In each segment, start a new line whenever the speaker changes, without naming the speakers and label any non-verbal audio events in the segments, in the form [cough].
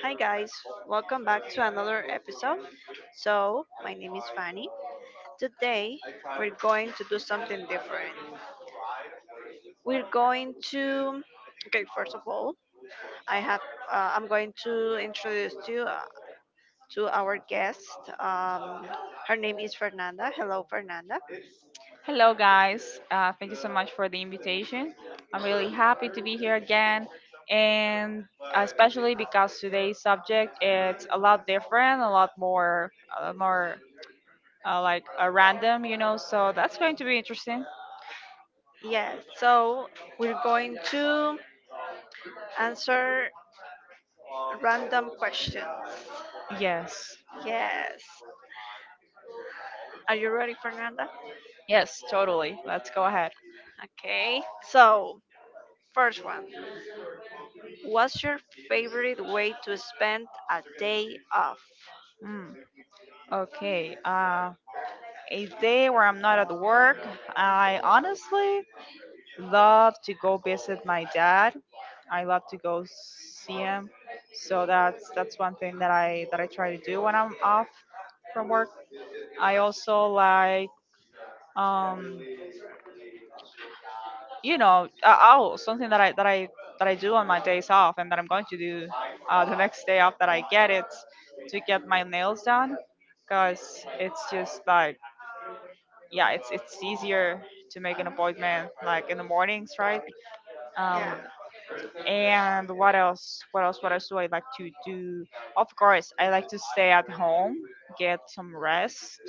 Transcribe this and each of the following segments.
Hi guys, welcome back to another episode. So, my name is Fanny. Today, we're going to do something different. We're going to okay, first of all, I have I'm going to introduce you to our guest. Her name is Fernanda. Hello, Fernanda.
Hello, guys. Thank you so much for the invitation. I'm really happy to be here again, and especially because today's subject it's a lot different, a lot more, a more like, random. So that's going to be interesting.
Yes, so we're going to answer random questions.
Yes.
Yes. Are you ready, Fernanda?
Yes. Totally. Let's go ahead.
Okay. So, first one. What's your favorite way to spend a day off?
Mm. Okay. A day where I'm not at work, I honestly love to go visit my dad. I love to go see him. So that's one thing that I try to do when I'm off from work. I also like, um oh, something that I do on my days off and that I'm going to do the next day off that I get it's to get my nails done, because it's just like, yeah, it's easier to make an appointment, like in the mornings, right?
Yeah,
Um, and what else? What else? What else do I like to do? Of course, I like to stay at home, get some rest,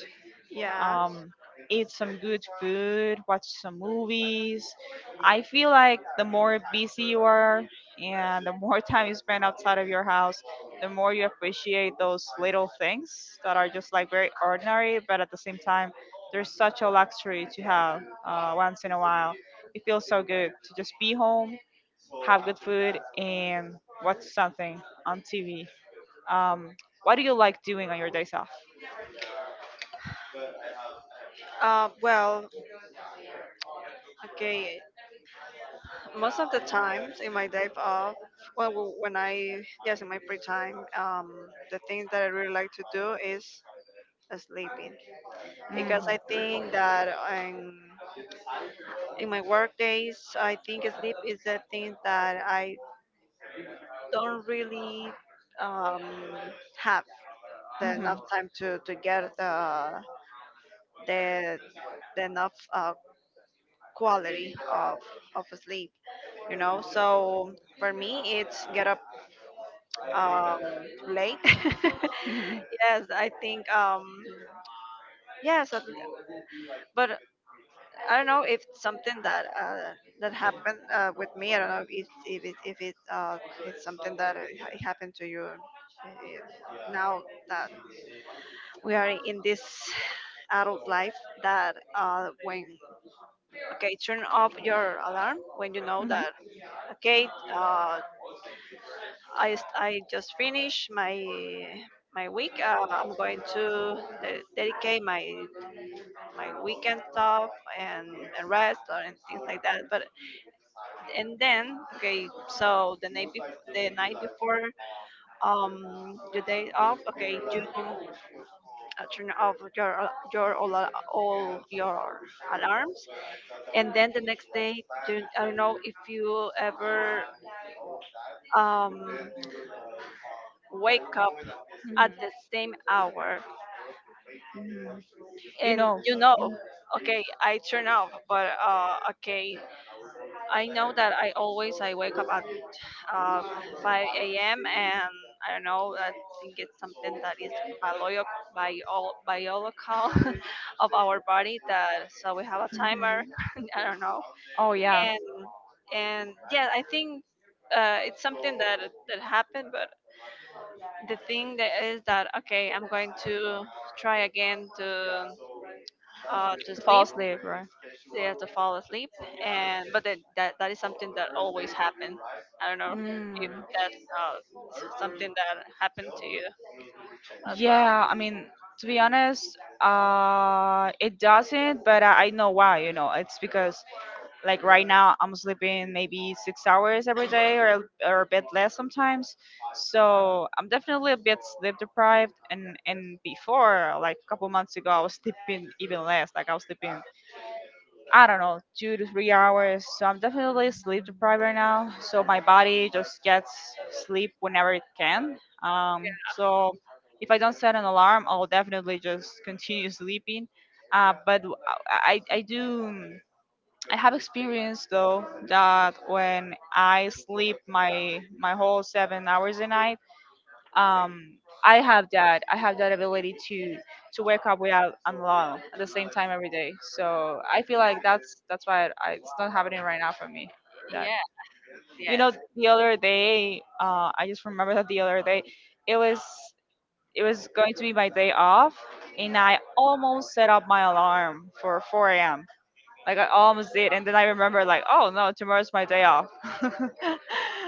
yeah.
um, eat some good food, watch some movies. I feel like the more busy you are and the more [laughs] time you spend outside of your house, the more you appreciate those little things that are just like very ordinary, but at the same time, they're such a luxury to have once in a while. It feels so good to just be home, have good food, and watch something on TV. Um, what do you like doing on your days off?
Well, okay. Most of the times in my day off, well, when I yes, in my free time, the thing that I really like to do is sleeping because I
Hmm.
think that in my work days, I think sleep is the thing that I don't really um have the
Hmm.
enough time to get the the the enough quality of sleep, you know, so for me it's get up um late. [laughs] Yes, I think, yes, but I don't know if it's something that that happened, with me. I don't know if if it if it uh it's something that happened to you, uh, now that we are in this adult life, that when okay, turn off your alarm when you know
Hmm.
that. Okay, uh, I, I just finished my my week. I'm going to dedicate my my weekend stuff and, and rest or and things like that. But and then okay, so the night before, the night before your day off. Okay, you turn off your your all your alarms, and then the next day do, I don't know if you ever um,
Hmm.
wake up
Mhm.
at the same hour,
Mhm. You
and
know.
you know,
Mhm.
okay, I turn off but okay, I know that I always I wake up at uh, 5 a.m., and I don't know, I think it's something that is biolog- biological [laughs] of our body, that so we have a timer.
Mhm.
[laughs] I don't know,
Oh yeah.
and and yeah, I think it's something that that happened. The thing that is that okay, I'm going to try again to
Fall
sleep.
asleep, right?
Yeah, to fall asleep. And but then that, that is something that always happen. I don't know if
Mm.
that's something that happened to you as well.
Yeah, I mean, to be honest, it doesn't, but I know why. It's because, like, right now, I'm sleeping maybe 6 hours every day, or a bit less sometimes. So I'm definitely a bit sleep deprived. And before, like a couple months ago, I was sleeping even less. Like I was sleeping, I don't know, 2 to 3 hours. So I'm definitely sleep deprived right now. So my body just gets sleep whenever it can. So if I don't set an alarm, I'll definitely just continue sleeping. But I do. I have experienced though that when I sleep my whole 7 hours a night, um, I have that ability to wake up without an alarm at the same time every day. So I feel like that's why it's not happening right now for me. That
Yeah.
you know
Yes.
the other day, I just remember that the other day it was it was going to be my day off, and I almost set up my alarm for 4 a.m., like I almost did, and then I remember, like, oh no, tomorrow's my day off. [laughs]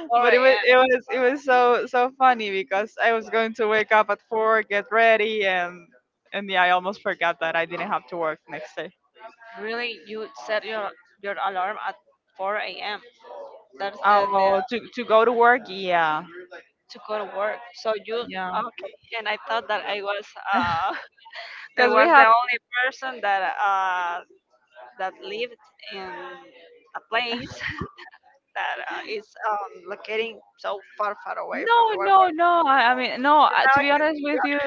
4
But it was
a.m.?
it was it was so, so funny because I was going to wake up at four, get ready, and yeah, I almost forgot that I didn't have to work next day.
Really, you set your alarm at 4 a.m.? That's the
Oh, to go to work, yeah,
to go to work, so you
yeah,
okay, and I thought that I was [laughs] I
because we
was the
have.
only person that that lived in a place [laughs] that is locating so far, far away from
No,
the world.
no, no. I mean, no.
But
uh,
now
To
I
be
can
honest
see you.
with you,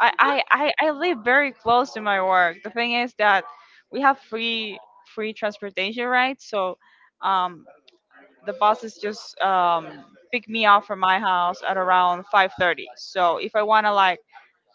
I, I
[laughs]
I I live very close to my work. The thing is that we have free transportation, right? So. Um, the buses just pick me up from my house at around 5:30. So if I wanna, like,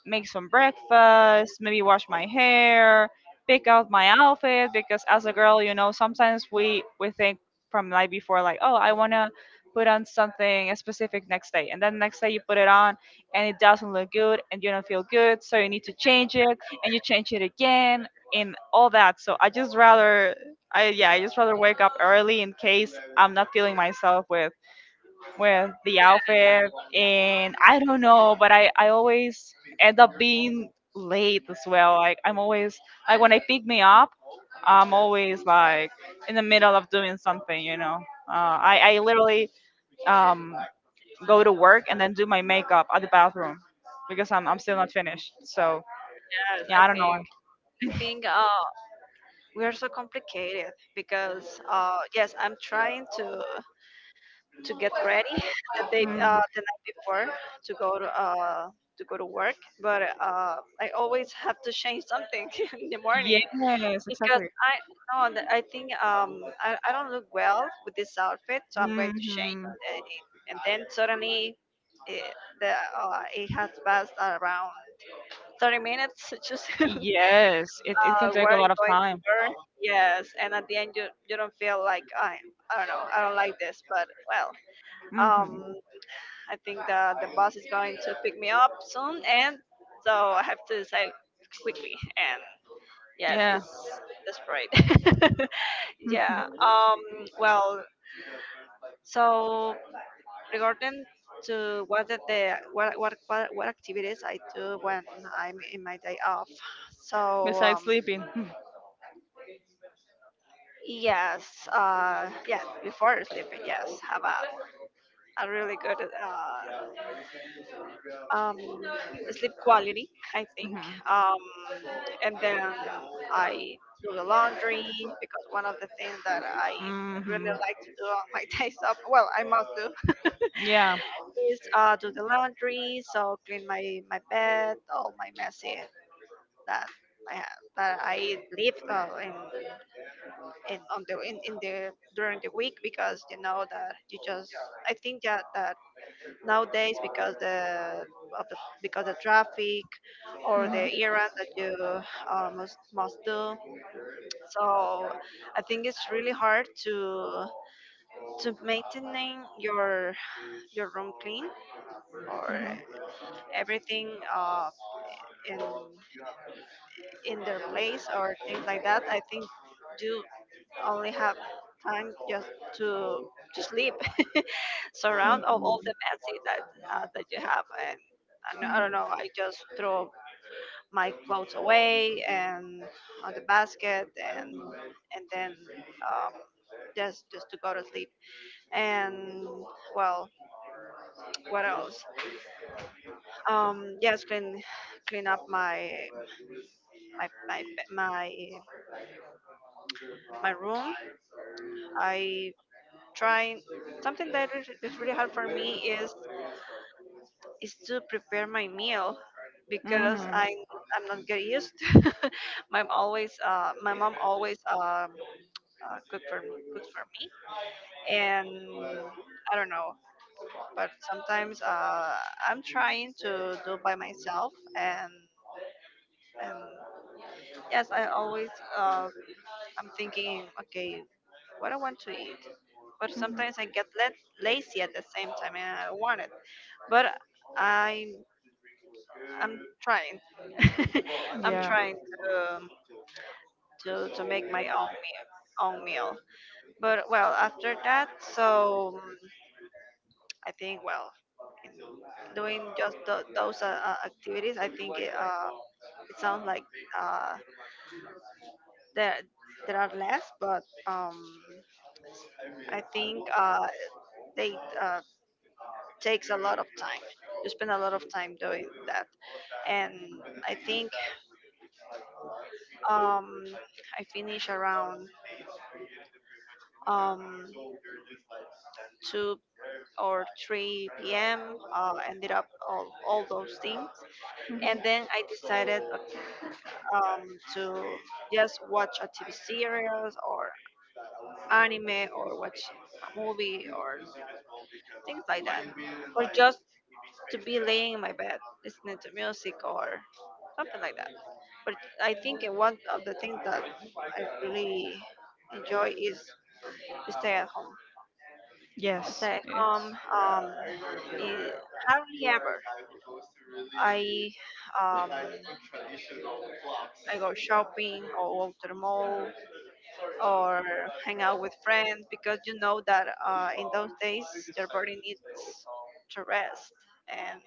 make some breakfast, maybe wash my hair, pick out my outfit, because as a girl, you know, sometimes we think from night before, like, oh, I wanna put on something a specific next day, and then next day you put it on and it doesn't look good and you don't feel good, so you need to change it and you change it again and all that. So I just rather, I yeah, I just rather wake up early in case I'm not feeling myself with the outfit, and I don't know, but I always end up being late as well, like I'm always, like when they pick me up, I'm always like in the middle of doing something, uh, I literally um go to work and then do my makeup at the bathroom because I'm still not finished, so
Yes, I
yeah, I don't know.
think, I think we are so complicated because yes, I'm trying to get ready [laughs] the day
Mm,
the night before to go to uh, to go to work, but I always have to change something [laughs] in the morning.
yes,
Because
exactly.
I no, I think I don't look well with this outfit, so I'm going to change
Hmm,
it. And then suddenly, it, the it has passed around 30 minutes, [laughs] just [laughs]
yes, it can take a
wearing
lot of
going to
time.
burn. Yes, and at the end you you don't feel like I don't know, I don't like this, but well,
Hmm.
um I think the bus is going to pick me up soon, and so I have to decide quickly. And yes,
Yeah.
it's desperate. [laughs]
Hmm.
Yeah. Well. So regarding to what what activities I do when I'm in my day off. So
Besides
um.
sleeping. [laughs]
Yes. Yeah. Before sleeping. Yes. Have a really good um sleep quality, I think. Um. And then I do the laundry because one of the things that I
Hmm.
really
Hmm.
like to do on my [laughs] days off. Well, I must do
Yeah.
is do the laundry, so clean my my bed, all my messy that I have that I leave in on the in the during the week, because you know that you just I think that that nowadays because the of the because the traffic or
Hmm.
the errand that you must do. So I think it's really hard to maintaining your room clean or
Hmm.
everything. In in their place or things like that, I think you only have time just to to sleep. [laughs] Surround of all the messy that that you have, and I don't know, I don't know, I just throw my clothes away and on the basket, and then um just to go to sleep. And well, what else? Yes, clean clean up my my my my my room. I try something that is really hard for me is to prepare my meal because I I'm not get used. [laughs] My mom always my mom always cook for me, cooks for me, and I don't know, but sometimes I'm trying to do by myself, and yes I always uh I'm thinking okay, what I want to eat, but sometimes I get let, lazy at the same time and I want it. But I'm I'm trying. [laughs] I'm trying to make my own meal, own meal. But well, after that, so I think, well, in doing just those activities, I think it, it sounds like uh, there there are less, but I think they takes a lot of time. You spend a lot of time doing that, and I think, Um, I finish around um, 2 or 3 p.m. Ended up all those things.
Mhm.
And then I decided um, to just watch a TV series or anime or watch a movie or things like that. Or just to be laying in my bed listening to music or something like that. But I think one of the things that I really enjoy is stay at home.
Yes,
Stay at
it's.
home. I hardly ever. I um, I go shopping or go to the mall or hang out with friends because you know that in those days your body needs to rest, and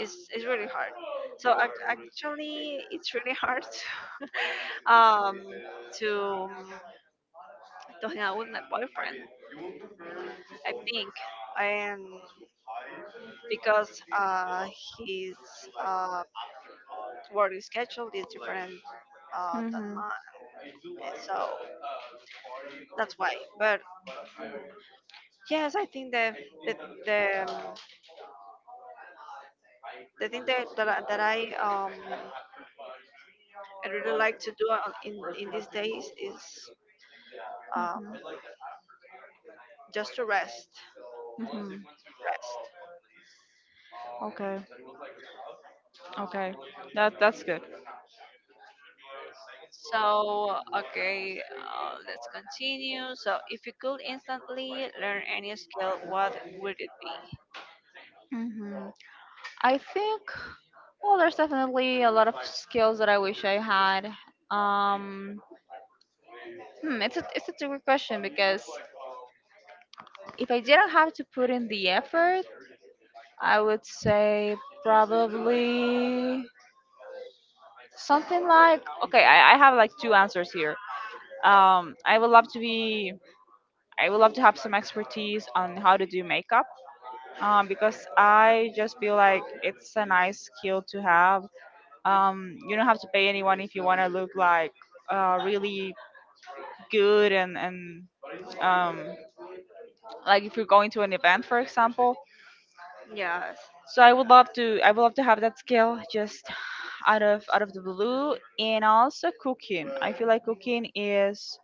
it's really hard. So actually, it's really hard [laughs] to, um, to to hang out with my boyfriend, I think, and because uh, he's. Um, work schedule is different than
Mhm.
mine, and so that's why. But yes, I think the the, um, the thing that that I really like to do in these days is um
Mhm.
just to rest,
Mhm.
rest.
Okay. Okay. That's good.
So okay, let's continue. So if you could instantly learn any skill, what would it be?
Mhm. I think, well, there's definitely a lot of skills that I wish I had. Um, it's a tricky question, because if I didn't have to put in the effort, I would say probably something like, okay, I have like two answers here. Um, I would love to be I would love to have some expertise on how to do makeup. Because I just feel like it's a nice skill to have, you don't have to pay anyone if you want to look like, really good, and um, like if you're going to an event, for example.
Yes,
So I would love to have that skill just out of the blue, and also cooking. I feel like cooking is.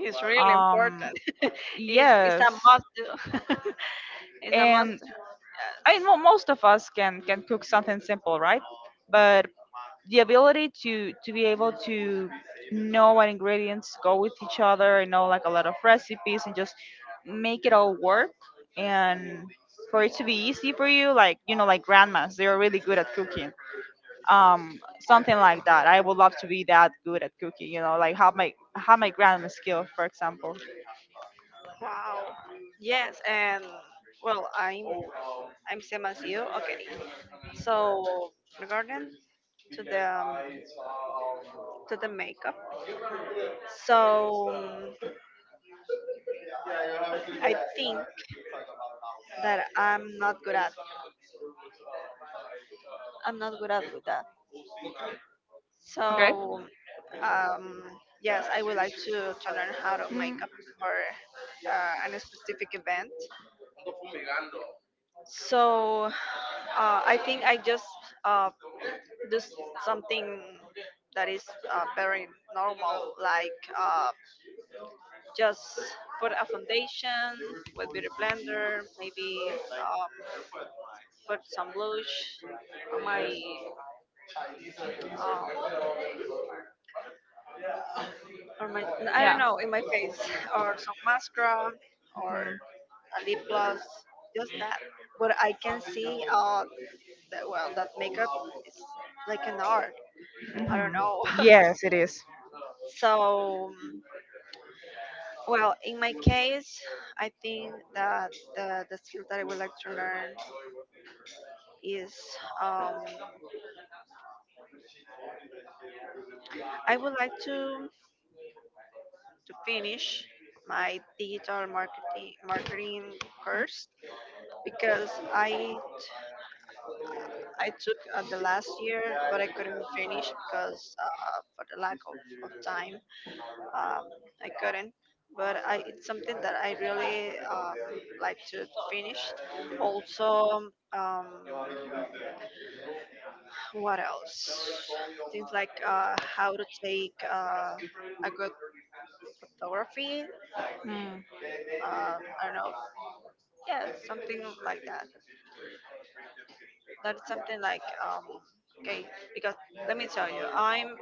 it's really important.
um
[laughs] It's
yes.
a must do. [laughs] It's a
And
must.
I
Yes.
know most of us can cook something simple, right? But the ability to be able to know what ingredients go with each other, and know, like, a lot of recipes, and just make it all work, and for it to be easy for you, like, you know, like grandmas, they're really good at cooking. Something like that, I would love to be that good at cooking, you know, like have my grandma skill, for example.
Wow. Yes, and well, I'm same as you. Okay. So regarding to the um, to the makeup, so I think that I'm not good at, I'm not good at with that.
Okay.
So um, yes, I would like to learn how to make
Mm,
up for a specific event. So I think I just uh, this something that is very normal, like just put a foundation with beauty blender, maybe um, put some blush on my um, or my I don't
yeah.
know in my face [laughs] or some mascara or a lip gloss, just that. But I can see that well that makeup is like an art. I
Hmm.
don't know. [laughs]
Yes, it is.
So well, in my case, I think that the skill that I would like to learn is um, I would like to finish my digital marketing course because I took the last year, but I couldn't finish because for the lack of time, um, I couldn't. But I, it's something that I really like to, finish. Also, um, what else? Things like how to take a good photography.
Mm-hmm. Mm-hmm.
I don't know. Yeah, something like that. That is something like okay. Because let me tell you,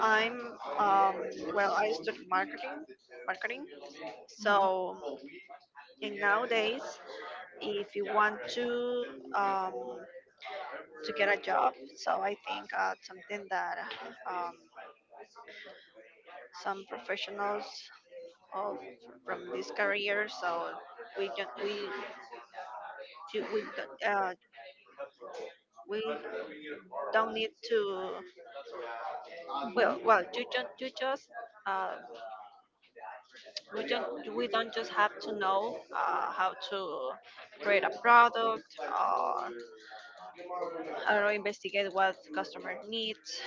I'm um, well, I studied marketing, marketing. So and nowadays, if you want um, to get a job, so I think something that, um, some professionals of from this career, so we don't we ju- we don't, uh, we don't need to, well well you don't you just uh, we don't we don't just have to know how to create a product or I don't know, investigate what customer needs.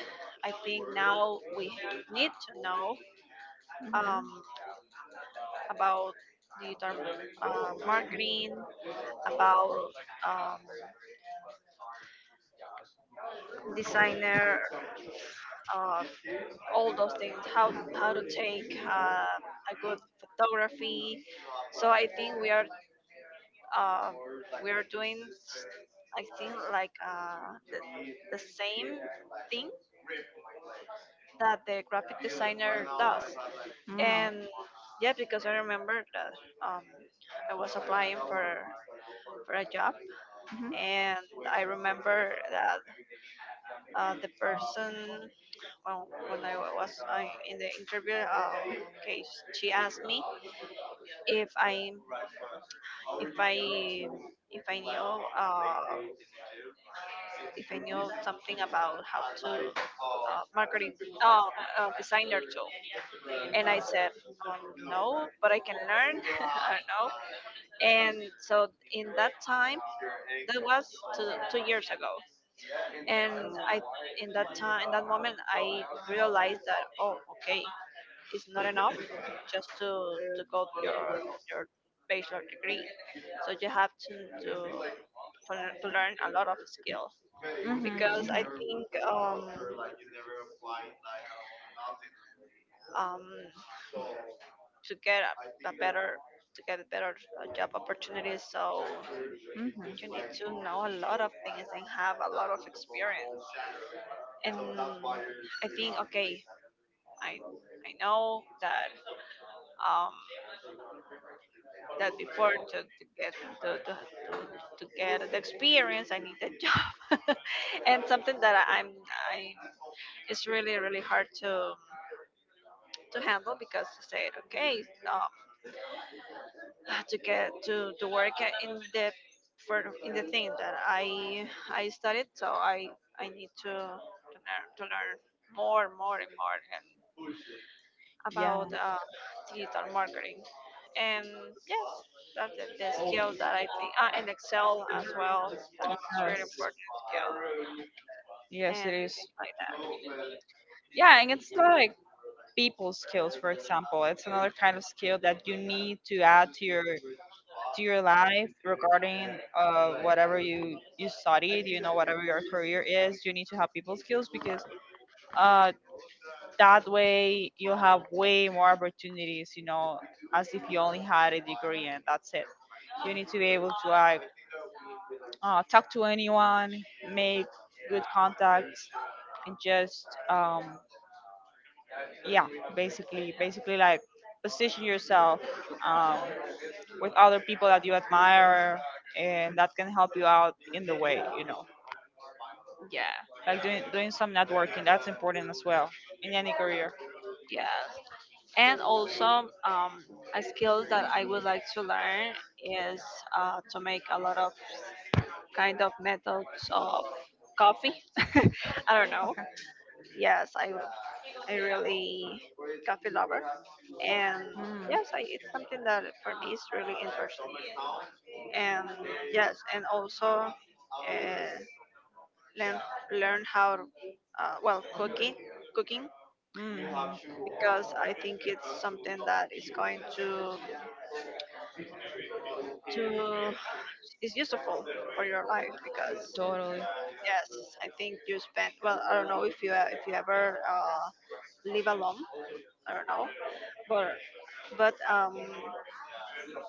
I think now we need to know um, about digital marketing, about um, designer, uh, all those things, how to take a good photography. So I think we are, uh, we are doing I think like the same thing that the graphic designer does. And yeah, because I remember that, um, I was applying for a job, and I remember that the person, well, when I was in the interview, okay, she asked me if if I I knew, if I knew something about how to, marketing, uh, designer too. And I said, um, no, but I can learn. [laughs] I don't know. And so in that time, that was two years ago. And I, in that time, in that moment, I realized that, oh, okay, it's not enough just to go your bachelor degree, so you have to to learn a lot of skills, because I think, um, um, to get a better, to get better job opportunities. So you need to know a lot of things and have a lot of experience. And I think, okay, I I know that, um, that before to get to, to, to, to get the experience, I need a job, [laughs] and something that I, I'm I it's really really hard to handle, because he said, okay, um, [sighs] to get to work in the, for in the thing that I studied, so I need to learn more, more and more, and
Yeah,
about digital marketing. And yes, that's the skill that I think, and Excel as well. That is really
yes,
important skill
yes, it
and
is.
things like that.
Yeah, and it's like people skills, for example. It's another kind of skill that you need to add to your life, regarding whatever you studied, you know, whatever your career is. You need to have people skills, because uh that way you have way more opportunities, you know, as if you only had a degree and that's it. You need to be able to, like, talk to anyone, make good contacts, and just, yeah, basically like position yourself, um, with other people that you admire, and that can help you out in the way, you know,
Yeah,
like doing some networking. That's important as well in any career.
yeah. And also, a skill that I would like to learn is to make a lot of kind of methods of coffee. [laughs] I don't know.
Okay.
Yes, I really coffee lover, and
Mm.
yes, I, it's something that for me is really interesting. And yes, and also uh, learn, learn how well, cooking, cooking,
Mm.
because I think it's something that is going to to is useful for your life. Because yes, I think you spend, well, I don't know if you ever live alone. I don't know, but but um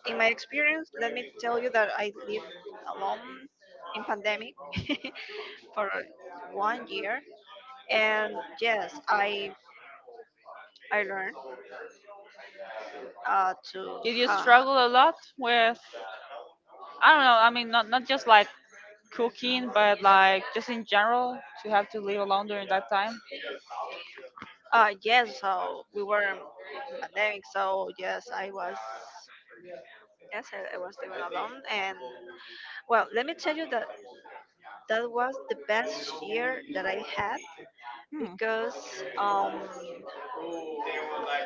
in my experience, let me tell you that I lived alone in pandemic [laughs] for 1 year. And yes, I learned to
Did you
uh,
struggle a lot with, I don't know, I mean, not just like cooking, but like just in general to have to live alone during that time?
yes so we were in pandemic, so yes, I was, yes, I was living alone. And well, let me tell you that that was the best year that I had,
Hmm.
because, um,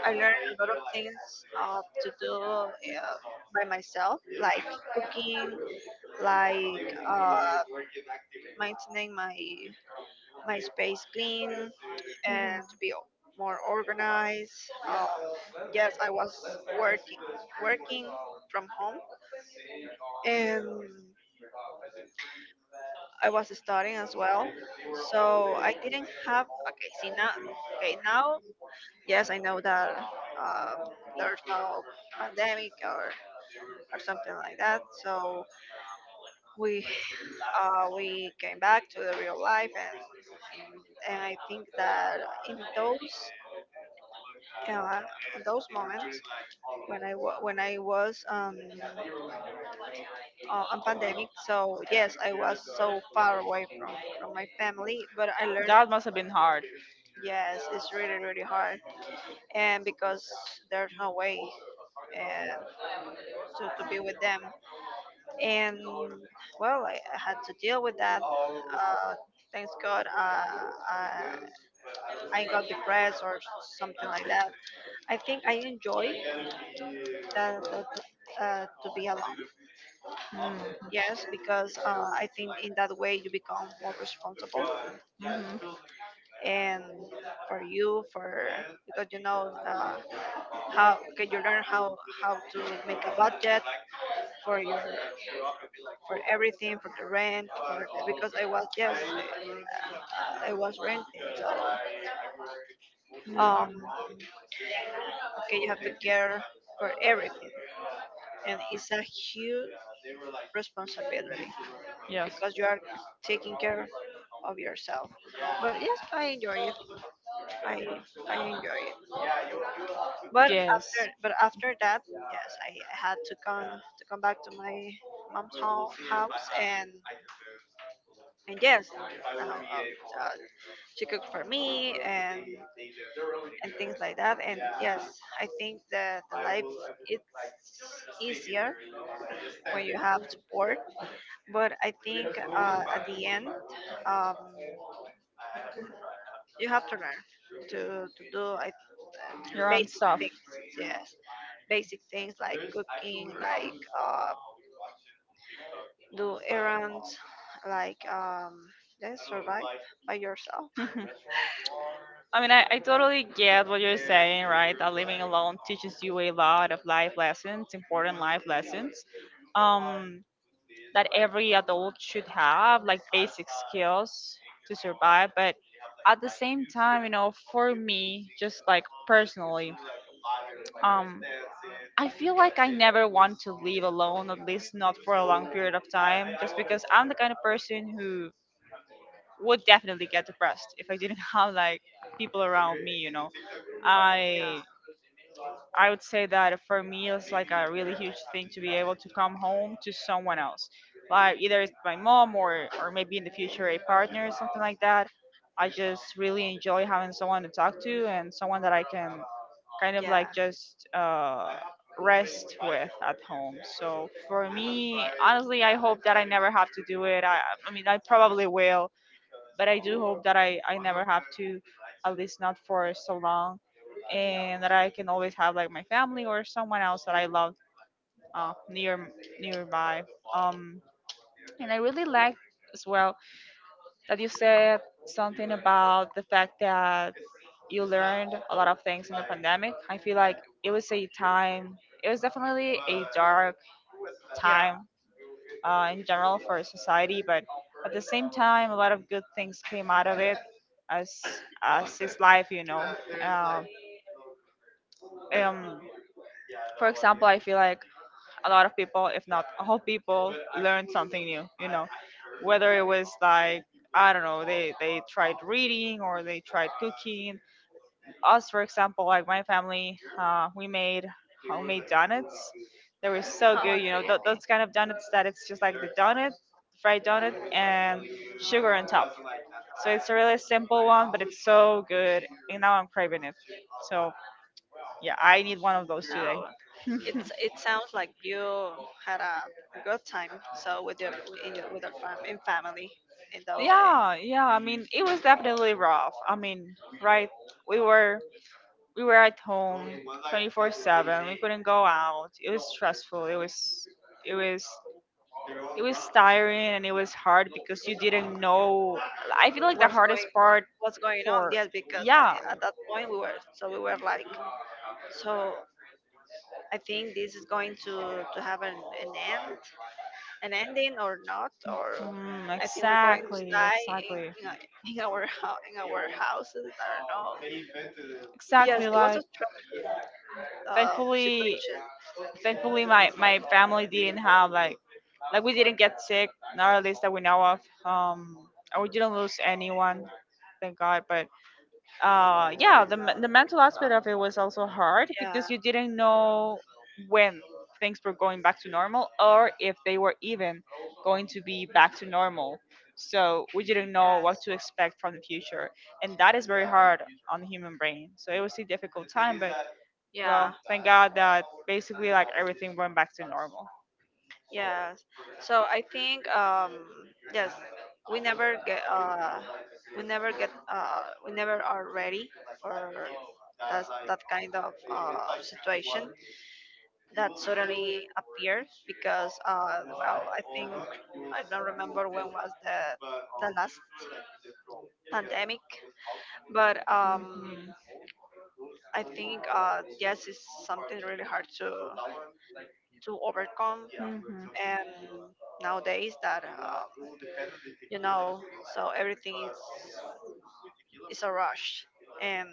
I learned a lot of things to do by myself, like cooking, like, maintaining my my space clean, and to be more organized. Um, yes, I was working, working from home, and I was studying as well, so I didn't have. Okay, see now. Okay, now yes, I know that, um, there's no pandemic or something like that. So we [sighs] we came back to the real life, and I think that in those. Uh, in those moments when I was, on pandemic. So yes, I was so far away from my family, but I learned,
That must have been hard.
yes, it's really really hard. And because there's no way uh, to be with them. And well, I had to deal with that, thanks God, I, I got depressed or something like that. I think I enjoy that, that to be alone,
Mm.
yes, because I think in that way you become more responsible.
Mhm.
And for you, for because you know, how okay, you learn how to make a budget for your, for everything, for the rent, for the, because I was, yes, I was renting. So, um, okay, you have to care for everything, and it's a huge responsibility, because you are taking care of yourself. But yes, I enjoy it. I I enjoy it. But after that, yes, I had to come back to my mom's house. And yes, now uh, uh, she cooked for me and things like that. And yes, I think that the life it's easier when you have support. But I think, at the end, um, you have to learn to to do basic things. Yes, basic things like cooking, like do errands, like, just survive by yourself.
Mhm. I mean, I totally get what you're saying, right? That living alone teaches you a lot of life lessons, important life lessons, um, that every adult should have, like basic skills to survive. But at the same time, you know, for me, just like personally, um, I feel like I never want to live alone, at least not for a long period of time, just because I'm the kind of person who would definitely get depressed if I didn't [laughs] have like people around me, you know.
Yeah,
I I would say that for me, it's like a really huge thing to be able to come home to someone else, like either it's my mom or maybe in the future a partner or something like that. I just really enjoy having someone to talk to and someone that I can kind of
yeah,
like just, rest with at home. So for me, honestly, I hope that I never have to do it. I mean, I probably will, but I do hope that I never have to, at least not for so long, and that I can always have like my family or someone else that I love, uh, near nearby. Um, and I really like as well that you said something about the fact that you learned a lot of things in the pandemic. I feel like it was a time. It was definitely a dark
yeah.
time, in general for society, but at the same time, a lot of good things came out of it, as is life, you know. Um, um, for example, I feel like a lot of people, if not all people, learned something new. You know, whether it was like, I don't know, they tried reading or they tried cooking. Us, for example, like my family, we made homemade donuts. They were
[laughs]
so good.
Oh,
You know,
really?
those kind of donuts that it's just like the donut, fried donut, and sugar on top. So it's a really simple one, but it's so good. And now I'm craving it. So yeah, I need one of those today.
No.
[laughs]
It's it sounds like you had a good time. So with your, in your, with your fam in family in those days,
Yeah, yeah. I mean, it was definitely rough. I mean, right? We were we were at home 24/7. We couldn't go out. It was stressful. It was it was tiring and it was hard because you didn't know. I feel like the
what's
hardest
going on?
part
What's going on?
for.
Yes, because
Yeah,
I, at that point we were so we were like so. I think this is going to have an end, an ending or not, or
mm,
I think we're going to
exactly,
die
exactly,
in, [laughs] in our in our houses. I don't know. Yes,
exactly.
it was
Like,
a stressful,
thankfully
situation.
thankfully my family didn't have like. Like we didn't get sick, not at least that we know of. And we didn't lose anyone, thank God. But yeah, the mental
Uh,
aspect of it was also hard
yeah.
because you didn't know when things were going back to normal or if they were even going to be back to normal. So we didn't know what
Yes.
to expect from the future, and that is very hard on the human brain. So it was a difficult time, but
Yeah.
well, thank God that basically like everything went back to normal.
Yes. So I think, yes, we never get uh we never are ready for that, that kind of situation that suddenly appeared. Because well, I think I don't remember when was the last pandemic, but,
Mhm. Mhm.
I think, yes, it's something really hard to overcome. And nowadays that, you know, so everything is a rush. and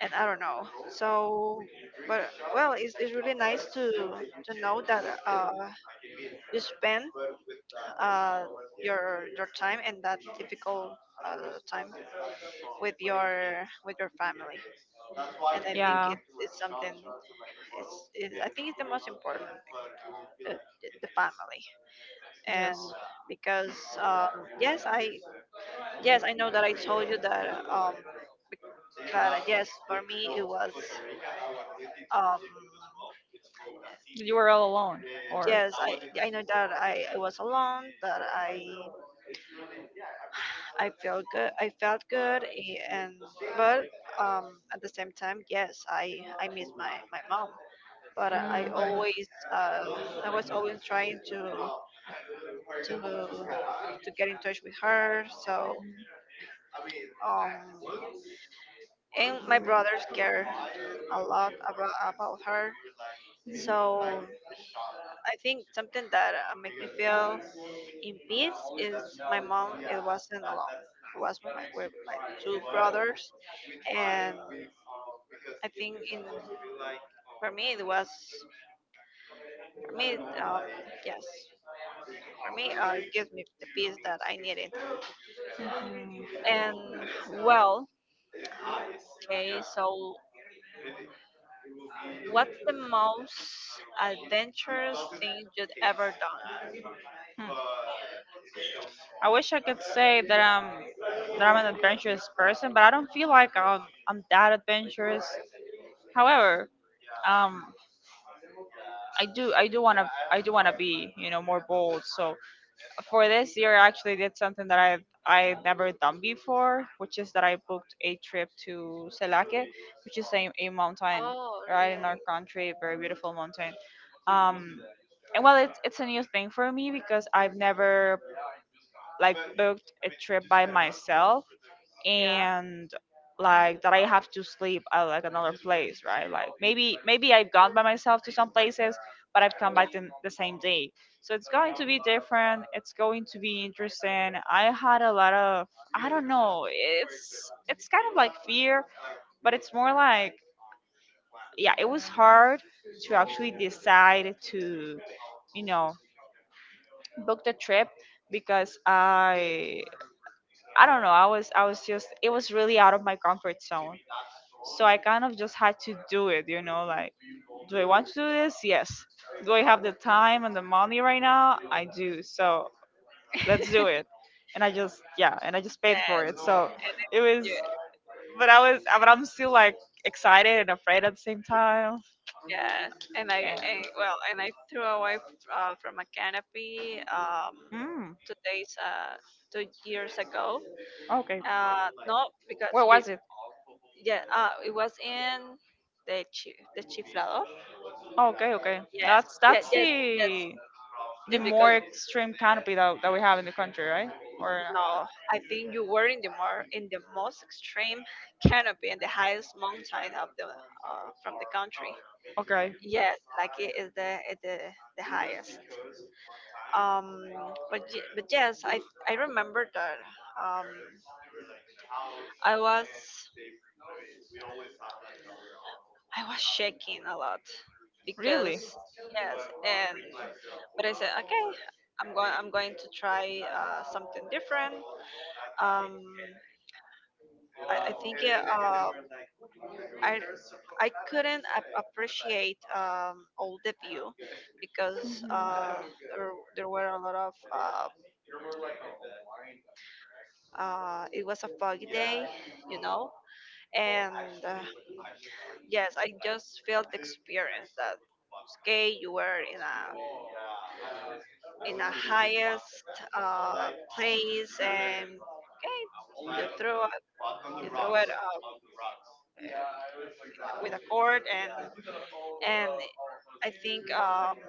and I don't know, so but well, it's really nice to know that you spend uh your time in that difficult uh, time with your family. And I think it's something, it's, I think it's the most important, the, the family. And because, um yes i yes, I know that I told you that. That yes, for me it was. Um,
Were all alone.
yes, I know that I was alone. That I felt good. I felt good, eh, and but, at the same time, yes, I miss my my mom. But I always I was always trying to to get in touch with her. So, um and my brothers care a lot about her. So I think something that make me feel in peace is my mom. It wasn't alone. It was with my two brothers. And I think in for me it was, for me, um, yes, for me it gives me the peace that I needed. And well, okay, so what's the most adventurous thing you've ever done?
Hmm. I wish I could say that I'm, that I'm an adventurous person, but I don't feel like I'm that adventurous. However, um, I do wanna be, you know, more bold. So for this year, I actually did something that I never done before, which is that I booked a trip to Selake, which is a mountain
Oh,
right in our
really?
country, very beautiful mountain. Um, and well, it's a new thing for me because I've never like booked a trip by myself
Yeah,
and like that I have to sleep at like another place, right? Like maybe I've gone by myself to some places, but I've come
yeah,
back the same day. So it's going to be different. It's going to be interesting. I had a lot of, I don't know. It's kind of like fear, but it's more like, yeah, it was hard to actually decide to, you know, book the trip because I don't know. I was just it was really out of my comfort zone. So I kind of just had to do it, you know, like, do I want to do this? Yes. Do I have the time and the money right now? I do. So let's do it. And I just, yeah, and I just paid for
yes,
it. So
and I,
it was,
yeah.
but I was, but I'm still like excited and afraid at the same time.
Yes, and I,
And
and, well, and I threw away from a canopy,
mm,
2 days, 2 years ago.
okay.
Uh, no, because
Where
you,
was it?
yeah, it was in the chi, the chiflador.
Okay, okay.
Yes, yeah,
That's
yes, yes,
the
yes. Because
more extreme canopy that we have in the country, right? Or
no, I think you were in the more in the most extreme canopy in the highest mountain of the from the country.
okay.
Yes, like it is the highest. um but but yes, I remember that, um I was, I was shaking a lot,
Really?
because yes. And but I said, okay, I'm going to try something different. um I think, i I couldn't appreciate, all the view, because
Mhm.
there, there were a lot of it was a foggy day, you know. And uh, yes, I just felt the experience that, okay, you were in a highest place and, okay, you throw it up uh, with a cord. And I think,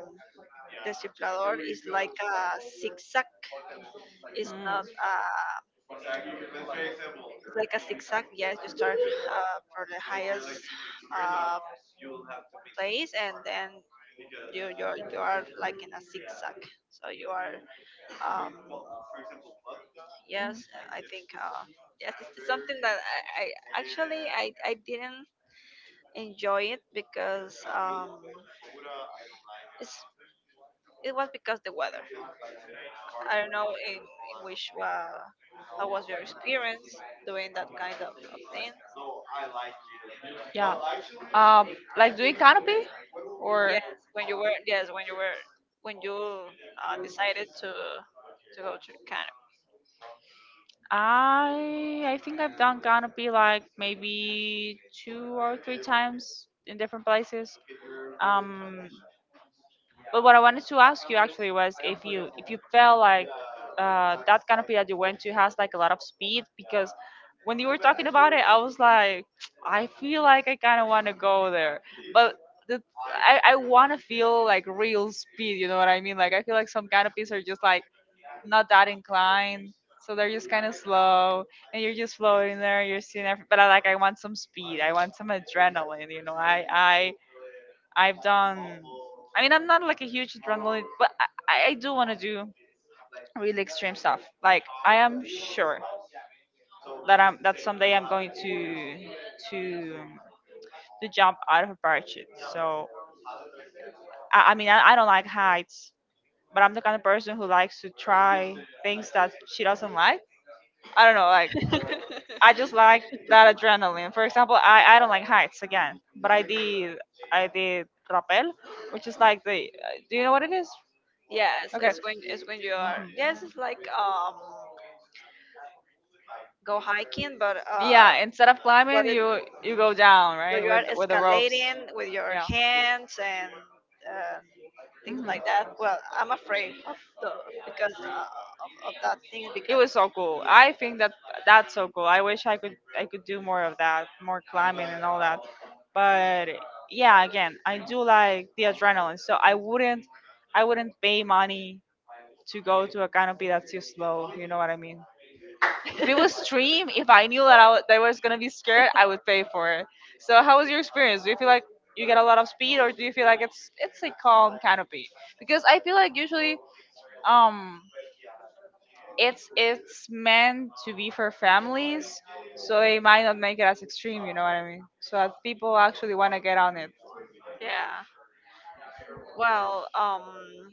the ciplador is like a zigzag. It's not it's like a zigzag. Yes, you start for the highest uh, place, and then you you are like in a zigzag. So you are, um,
Mm. Mhm.
yes, I think, yes, it's something that I, I didn't enjoy it, because, it's it was because the weather. I don't know in which how was your experience doing that kind of thing.
Yeah. Like doing canopy
Yeah,
or,
when you were, yes, when you were, when you decided to go to Canada.
I think I've done canopy like maybe 2 or 3 times in different places. Um, But what I wanted to ask you actually was if you, if you felt like, that canopy that you went to has like a lot of speed because when you were talking about it, I was like, [tsk] I feel like I kind of want to go there, but the, I want to feel like real speed. You know what I mean? Like I feel like some canopies are just like not that inclined. So they're just kind of slow, and you're just floating there. You're seeing everything, but I, like, I want some speed. I want some adrenaline. You know, I, I've done. I mean, I'm not like a huge adrenaline, but I do want to do really extreme stuff. Like I am sure that I'm, that someday I'm going to to jump out of a parachute. So I, I mean, I don't like heights, but I'm the kind of person who likes to try things that she doesn't like. I don't know, like
[laughs]
I just like that adrenaline. For example, I don't like heights again, but I did rappel, which is like the, do you know what it is?
Yes,
Okay.
it's when, it's when you are, yes, it's like, go hiking
Yeah. Instead of
but
climbing,
it
you go down,
where
right,
you are
with the ropes.
escalating with your
Yeah.
hands and uh, things like that. Well, I'm afraid of the, because of that things,
It
because
was so cool. I think that that's so cool. I wish I could do more of that, more climbing and all that. But yeah, again, I do like the adrenaline. So I wouldn't pay money to go to a canopy that's too slow. You know what I mean? If it was stream, if I knew that I was gonna be scared, I would pay for it. So, how was your experience? Do you feel like you get a lot of speed, or do you feel like it's a calm canopy? Because I feel like usually, um, it's meant to be for families, so they might not make it as extreme. You know what I mean? So that people actually want to get on it.
yeah. Well,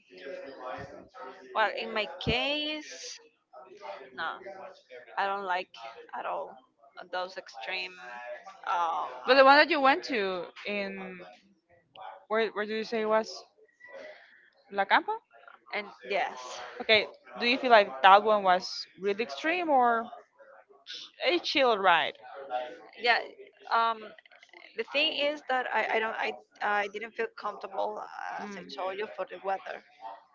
well, in my case, no, I don't like at all those extreme. Um,
But the one that you went to in, where did you say it was, La Campa?
and yes,
Okay, do you feel like that one was really extreme or a chill ride?
yeah. Um, The thing is that I don't I didn't feel comfortable, as I
Mm.
told you, for the weather.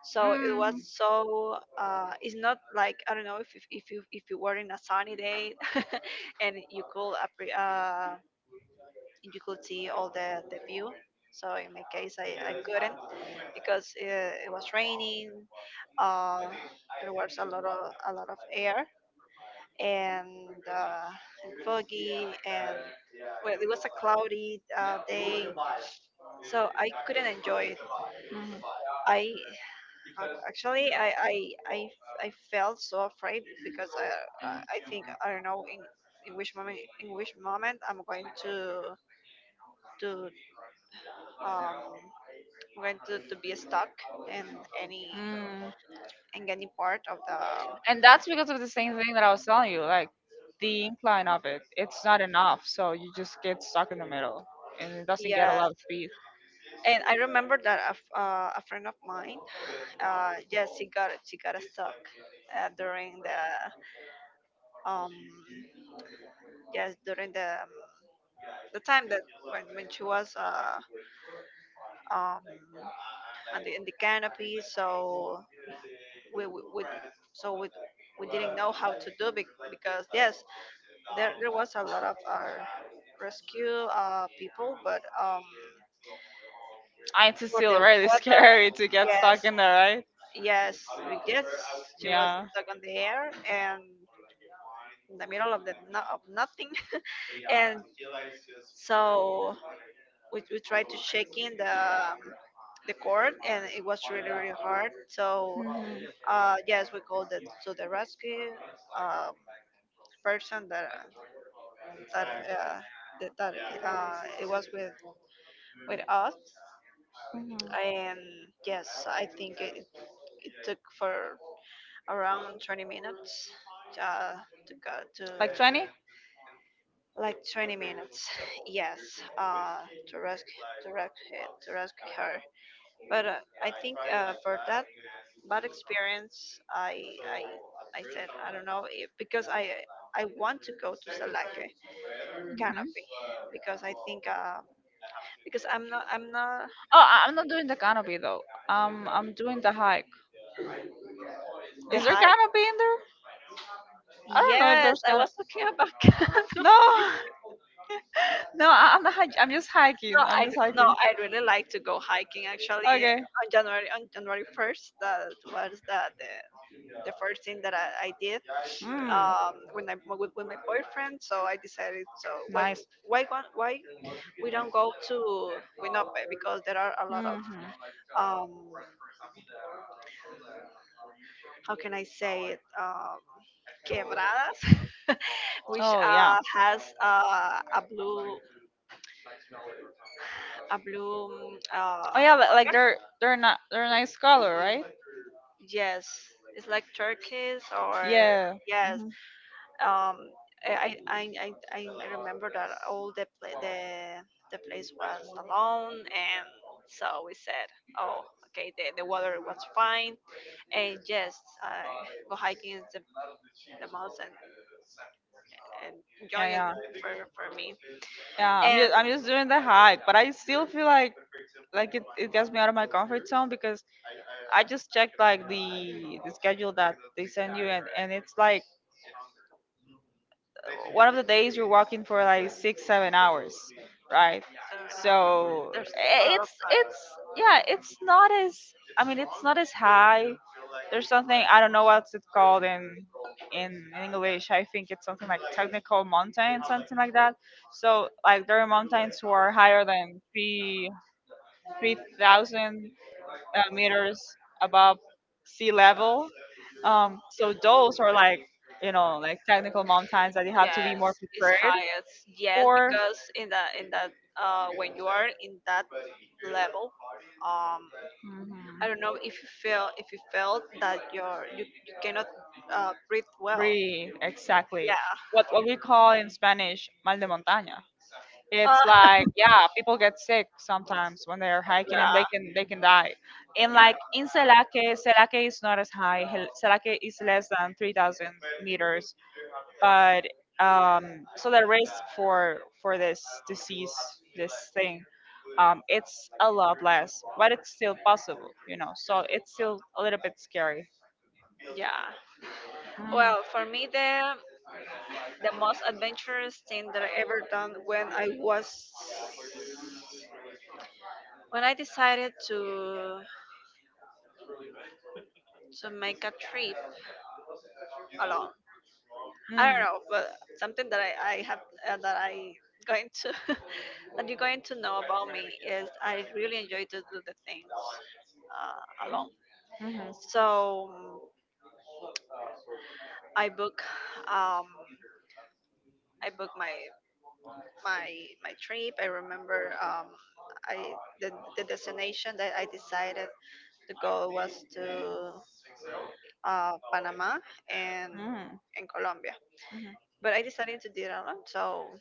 So it was
Mm.
so it's not like, I don't know if if you, if you were in a sunny day, [laughs] and you could you could see all the view. So in my case I couldn't, because it was raining. Uh, there was a lot of air, and, uh, and foggy, and well, it was a cloudy day, so I couldn't enjoy it.
Mm.
I actually, I felt so afraid because I I think I don't know in which moment I'm going to to um I'm going to be stuck in any
Mm.
in any part of the
And that's because of the same thing that I was telling you, like the incline of it, it's not enough, so you just get stuck in the middle and it doesn't get a
yeah.
lot of speed.
And I remember that a friend of mine, yes, she got stuck during the um yes, during the, the time that when she was um, on the, in the canopy. So we, we, we so we, we didn't know how to do it because yes, there was a lot of our rescue people, but
It's
for
still
the
really
weather,
scary to get
yes,
stuck in there, right?
yes, yes, she was
Yeah.
stuck on the air and in the middle of the no, of nothing, [laughs] and so we tried to shake in the cord, and it was really hard. So
Mhm.
Yes, we called it to the rescue um, person that that uh, that, that it was with us,
Mhm.
and yes, I think it, it took for around 20 minutes uh, to go to
Like 20?
like 20 minutes. [laughs] Yes, to rescue to rescue her. But I think, for that bad experience, I said I don't know if, because I want to go to Salake
Hmm.
Canopy, because I think, because I'm not
Oh, I- I'm not doing the canopy though. I'm doing the hike.
the
Is there
hike.
canopy in there? I don't know if
Yes,
there's
I
canopy.
was talking about [laughs] Canopy.
No, [laughs] no, I- I'm not hiking. I'm just hiking.
No,
I'm
I,
just
no,
hiking.
I really like to go hiking. Actually,
Okay.
on January first, that was the first thing that I did,
Mm,
when I with my boyfriend. So I decided, so why
nice.
why we don't go to Winope, because there are a lot of
Hmm.
um, how can I say it, quebradas, [laughs] which
Oh yeah.
has a blue
Oh yeah. Like
water.
they're not, they're a nice color, right?
Yes, it's like turquoise or
Yeah.
yes.
Hmm.
Um, I remember that all the the place was alone, and so we said, oh, okay, the water was fine. And yes, I, go hiking is the most
Yeah,
enjoying
yeah,
thing for me.
yeah. I'm
And
just, I'm just doing the hike, but I still feel like it, it gets me out of my comfort zone because I just checked like the schedule that they send you, and it's like one of the days you're walking for like 6 7 hours, right?
Suriname,
So,
there's a
eh,
lot of
it's
time.
it's yeah, it's not as, I mean, it's not as high. There's something, I don't know what's it called in English, I think it's something like technical mountain, something like that. So like there are mountains who are higher than three thousand, meters above sea level. So those are like, you know, like technical mountains that you have to be
Yes,
more
it's
prepared
highest. Yes,
for.
because in that when you are in that level, um,
Mhm.
I don't know if you feel, if you felt that you cannot breathe well.
Really, exactly.
Yeah.
What we call in Spanish mal de montaña. It's
Uh,
like, yeah, people get sick sometimes when they're hiking and
yeah.
they can die. And
Yeah.
like in selake, selake is not as high. Hel- selake is less than 3,000 meters, but um, so the risk for this disease, this thing, um, it's a lot less, but it's still possible, you know, so it's still a little bit scary.
Yeah. Well, for me, the most adventurous thing that I ever done, when I was, when I decided to make a trip alone. I don't
Mhm.
know, but something that I have, that I going to [laughs] that you're going to know about me is I really enjoy to do the things,
Mm.
alone.
Mhm.
So I book, um, I book my my my trip. I remember, I, the, the destination that I decided to go was to Panama, and
Mhm.
and Colombia,
Mhm.
but I decided to did alone. So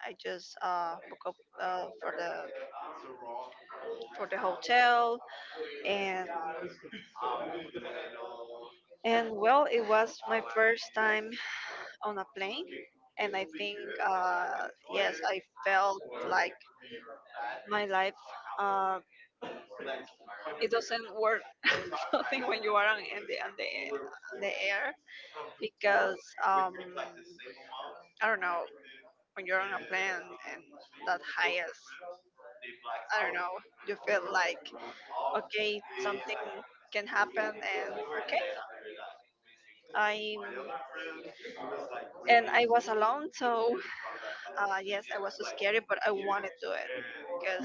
I just book up uh, for the for the hotel, and and well, it was my first time on a plane. And I think, yes, I felt like my life, uh, it doesn't work [laughs] nothing when you are on in the on the on the air, because um, I don't know, when you're on a plane and that highest, I don't know, you feel like, okay, something can happen. And okay, I, and I was alone. So yes, I was so scary, but I wanted to do it, because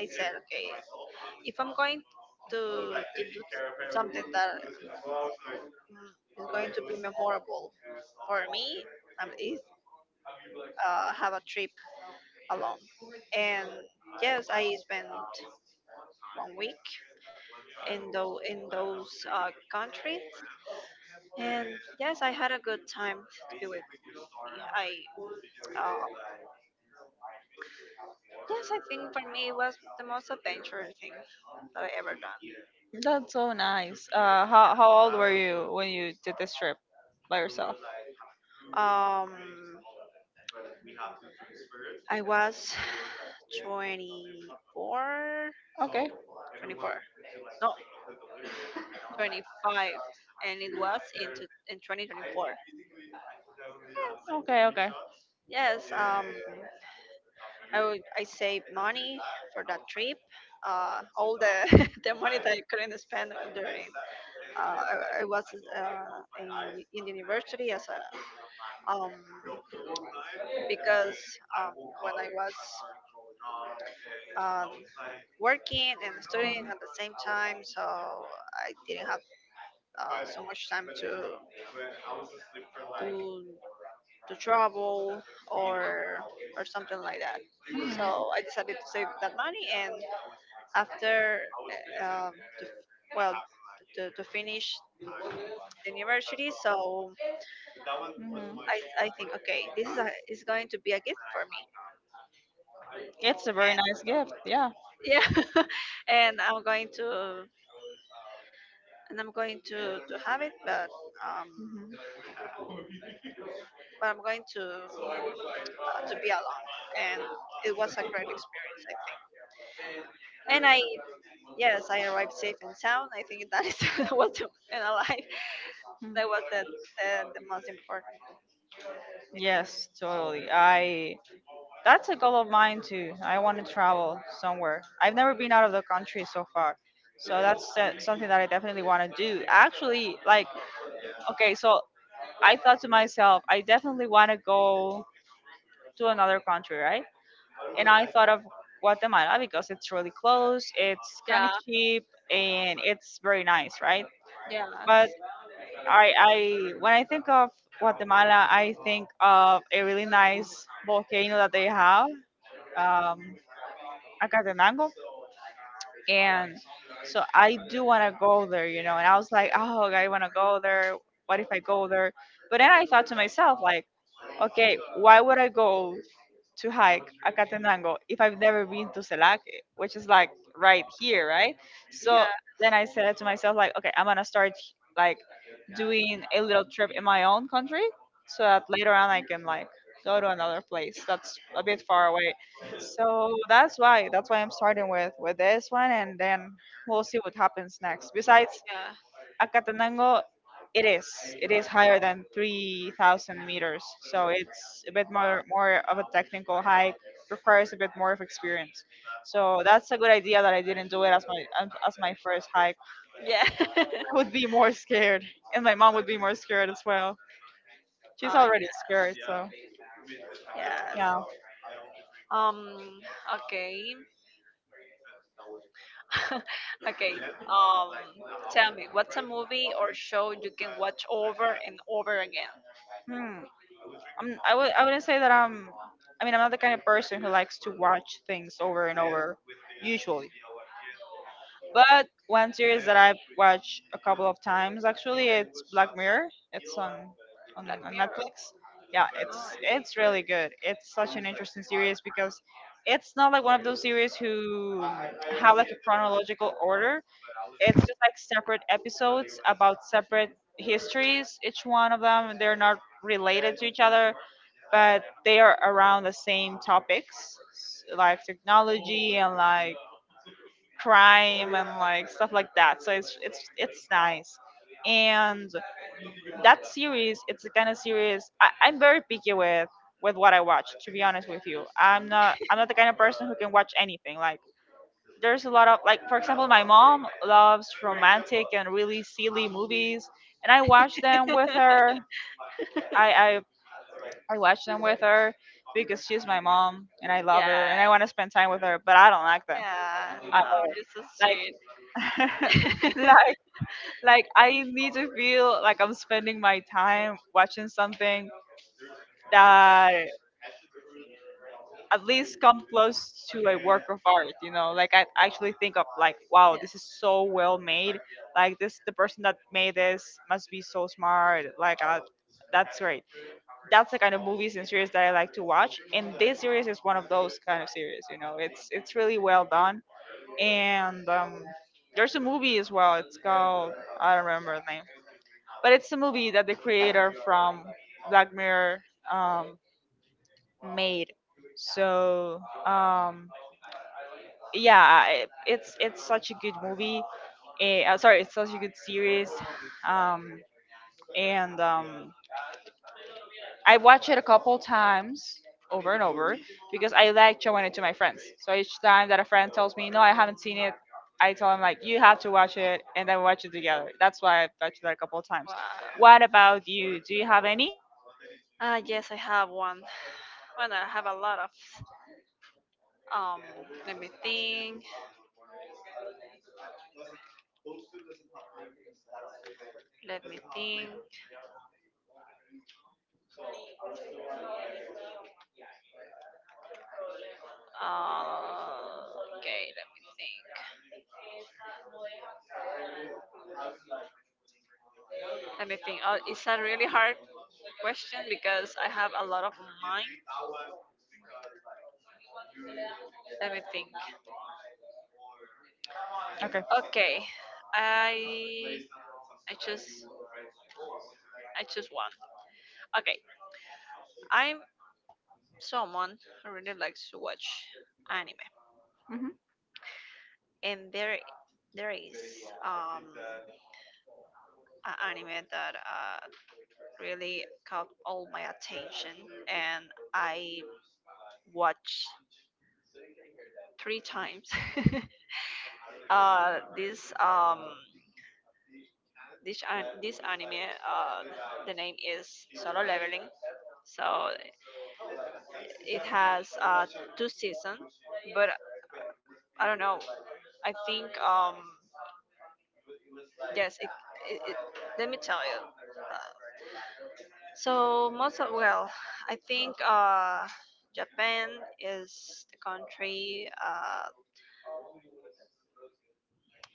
I said, okay, if I'm going to, to do something that, is going to be memorable for me, is have a trip alone. And yes, I spent one week in those countries. And yes, I had a good time to be with me. I, oh, yes, I think for me it was the most adventurous thing that I ever done.
That's so nice. How old were you when you did this trip by yourself?
Um, I was [sighs] 24,
Okay.
24, no, 25, and it was into in 2024.
Okay, okay.
Yes, I would, I saved money for that trip. All the [laughs] the money that I couldn't spend during, uh, I was in university as a um because um when I was, um, working and studying at the same time, so I didn't have so much time to to travel or or something like that.
Mhm,
So I decided to save that money, and after, uh, um, to, well, to finish the university. So
mhm.
I think, okay, this is a, is going to be a gift for me.
It's a very nice gift, yeah.
Yeah, [laughs] and I'm going to, and I'm going to have it, um.
Mhm,
but I'm going to be alone. And it was a great experience, I think. And I, yes, I arrived safe and sound. I think that is [laughs] and alive.
mhm.
That was the most important.
Yes, totally. I, that's a goal of mine too. I want to travel somewhere. I've never been out of the country so far. So that's, something that I definitely want to do. Actually, like, okay, so I thought to myself, I definitely want to go to another country, right? And I thought of Guatemala because it's really close, it's kind of
Yeah,
cheap, and it's very nice, right?
yeah,
But I, when I think of Guatemala, I think of a really nice volcano that they have, um, Acatenango, and so I do want to go there, you know. And I was like, oh, okay, I want to go there. What if I go there? But then I thought to myself, like, okay, why would I go to hike a Catenango if I've never been to Celac, which is like right here, right? So
yeah,
then I said to myself, like, okay, I'm gonna start like doing a little trip in my own country so that later on I can like go to another place that's a bit far away. So that's why I'm starting with this one, and then we'll see what happens next. Besides Acatenango, it is. It is higher than 3,000 meters, so it's a bit more of a technical hike. Requires a bit more of experience. So that's a good idea that I didn't do it as my, as my first hike.
yeah, yeah.
I
[laughs]
would be more scared, and my mom would be more scared as well. She's
Oh
already scared, so
yeah, yes.
yeah.
Um, okay, [laughs] okay. Um, tell me, what's a movie or show you can watch over and over again?
Hmm. I wouldn't say that I'm. I mean, I'm not the kind of person who likes to watch things over and over, usually. But one series that I've watched a couple of times actually, it's Black Mirror. It's on on,
Black
on
Mirror.
Netflix. Yeah,
Oh.
it's really good. It's such an interesting series because it's not like one of those series who have like a chronological order. It's just like separate episodes about separate histories. Each one of them, they're not related to each other, but they are around the same topics like technology and like crime and like stuff like that. So it's nice. And that series, it's the kind of series I'm very picky with what I watch. To be honest with you, I'm not the kind of person who can watch anything. Like there's a lot of, like, for example, my mom loves romantic and really silly movies, and I watch them with her. I I, I watch them with her because she's my mom and I love her and I
Yeah.
want to spend time with her, but I don't like them.
Yeah.
I,
Oh, this is sweet.
like [laughs] like like I need to feel like I'm spending my time watching something that at least come close to a work of art, you know, like I actually think of, like, wow,
Yeah.
this is so well made, like this, the person that made this must be so smart, like that's great. That's the kind of movies and series that I like to watch. And this series is one of those kind of series. You know, it's really well done. And there's a movie as well. It's called, I don't remember the name, but it's the movie that the creator from Black Mirror um, made. So um, yeah, it's such a good movie. Sorry, it's such a good series. Um, and I watched it a couple times over and over because I like showing it to my friends. So each time that a friend tells me, "No, I haven't seen it," I tell them, like, "You have to watch it," and then we watch it together. That's why I've watched it a couple of times. What
Wow.
about you? Do you have any?
Yes, I have one. Well, I have a lot of. Um, let me think. Let me think. Uh, okay, let me think. Let me think. Oh, it's a really hard question because I have a lot of mine. Let me think.
Okay.
Okay, I I just I choose one. Okay, I, someone who really likes to watch anime,
Mhm.
and there is um an anime that really caught all my attention, and I watched three times. [laughs] This this an- this anime, uh, the name is Solo Leveling. So it has two seasons, but I don't know. I think yes. It, let me tell you. So most of, well, I think, Japan is the country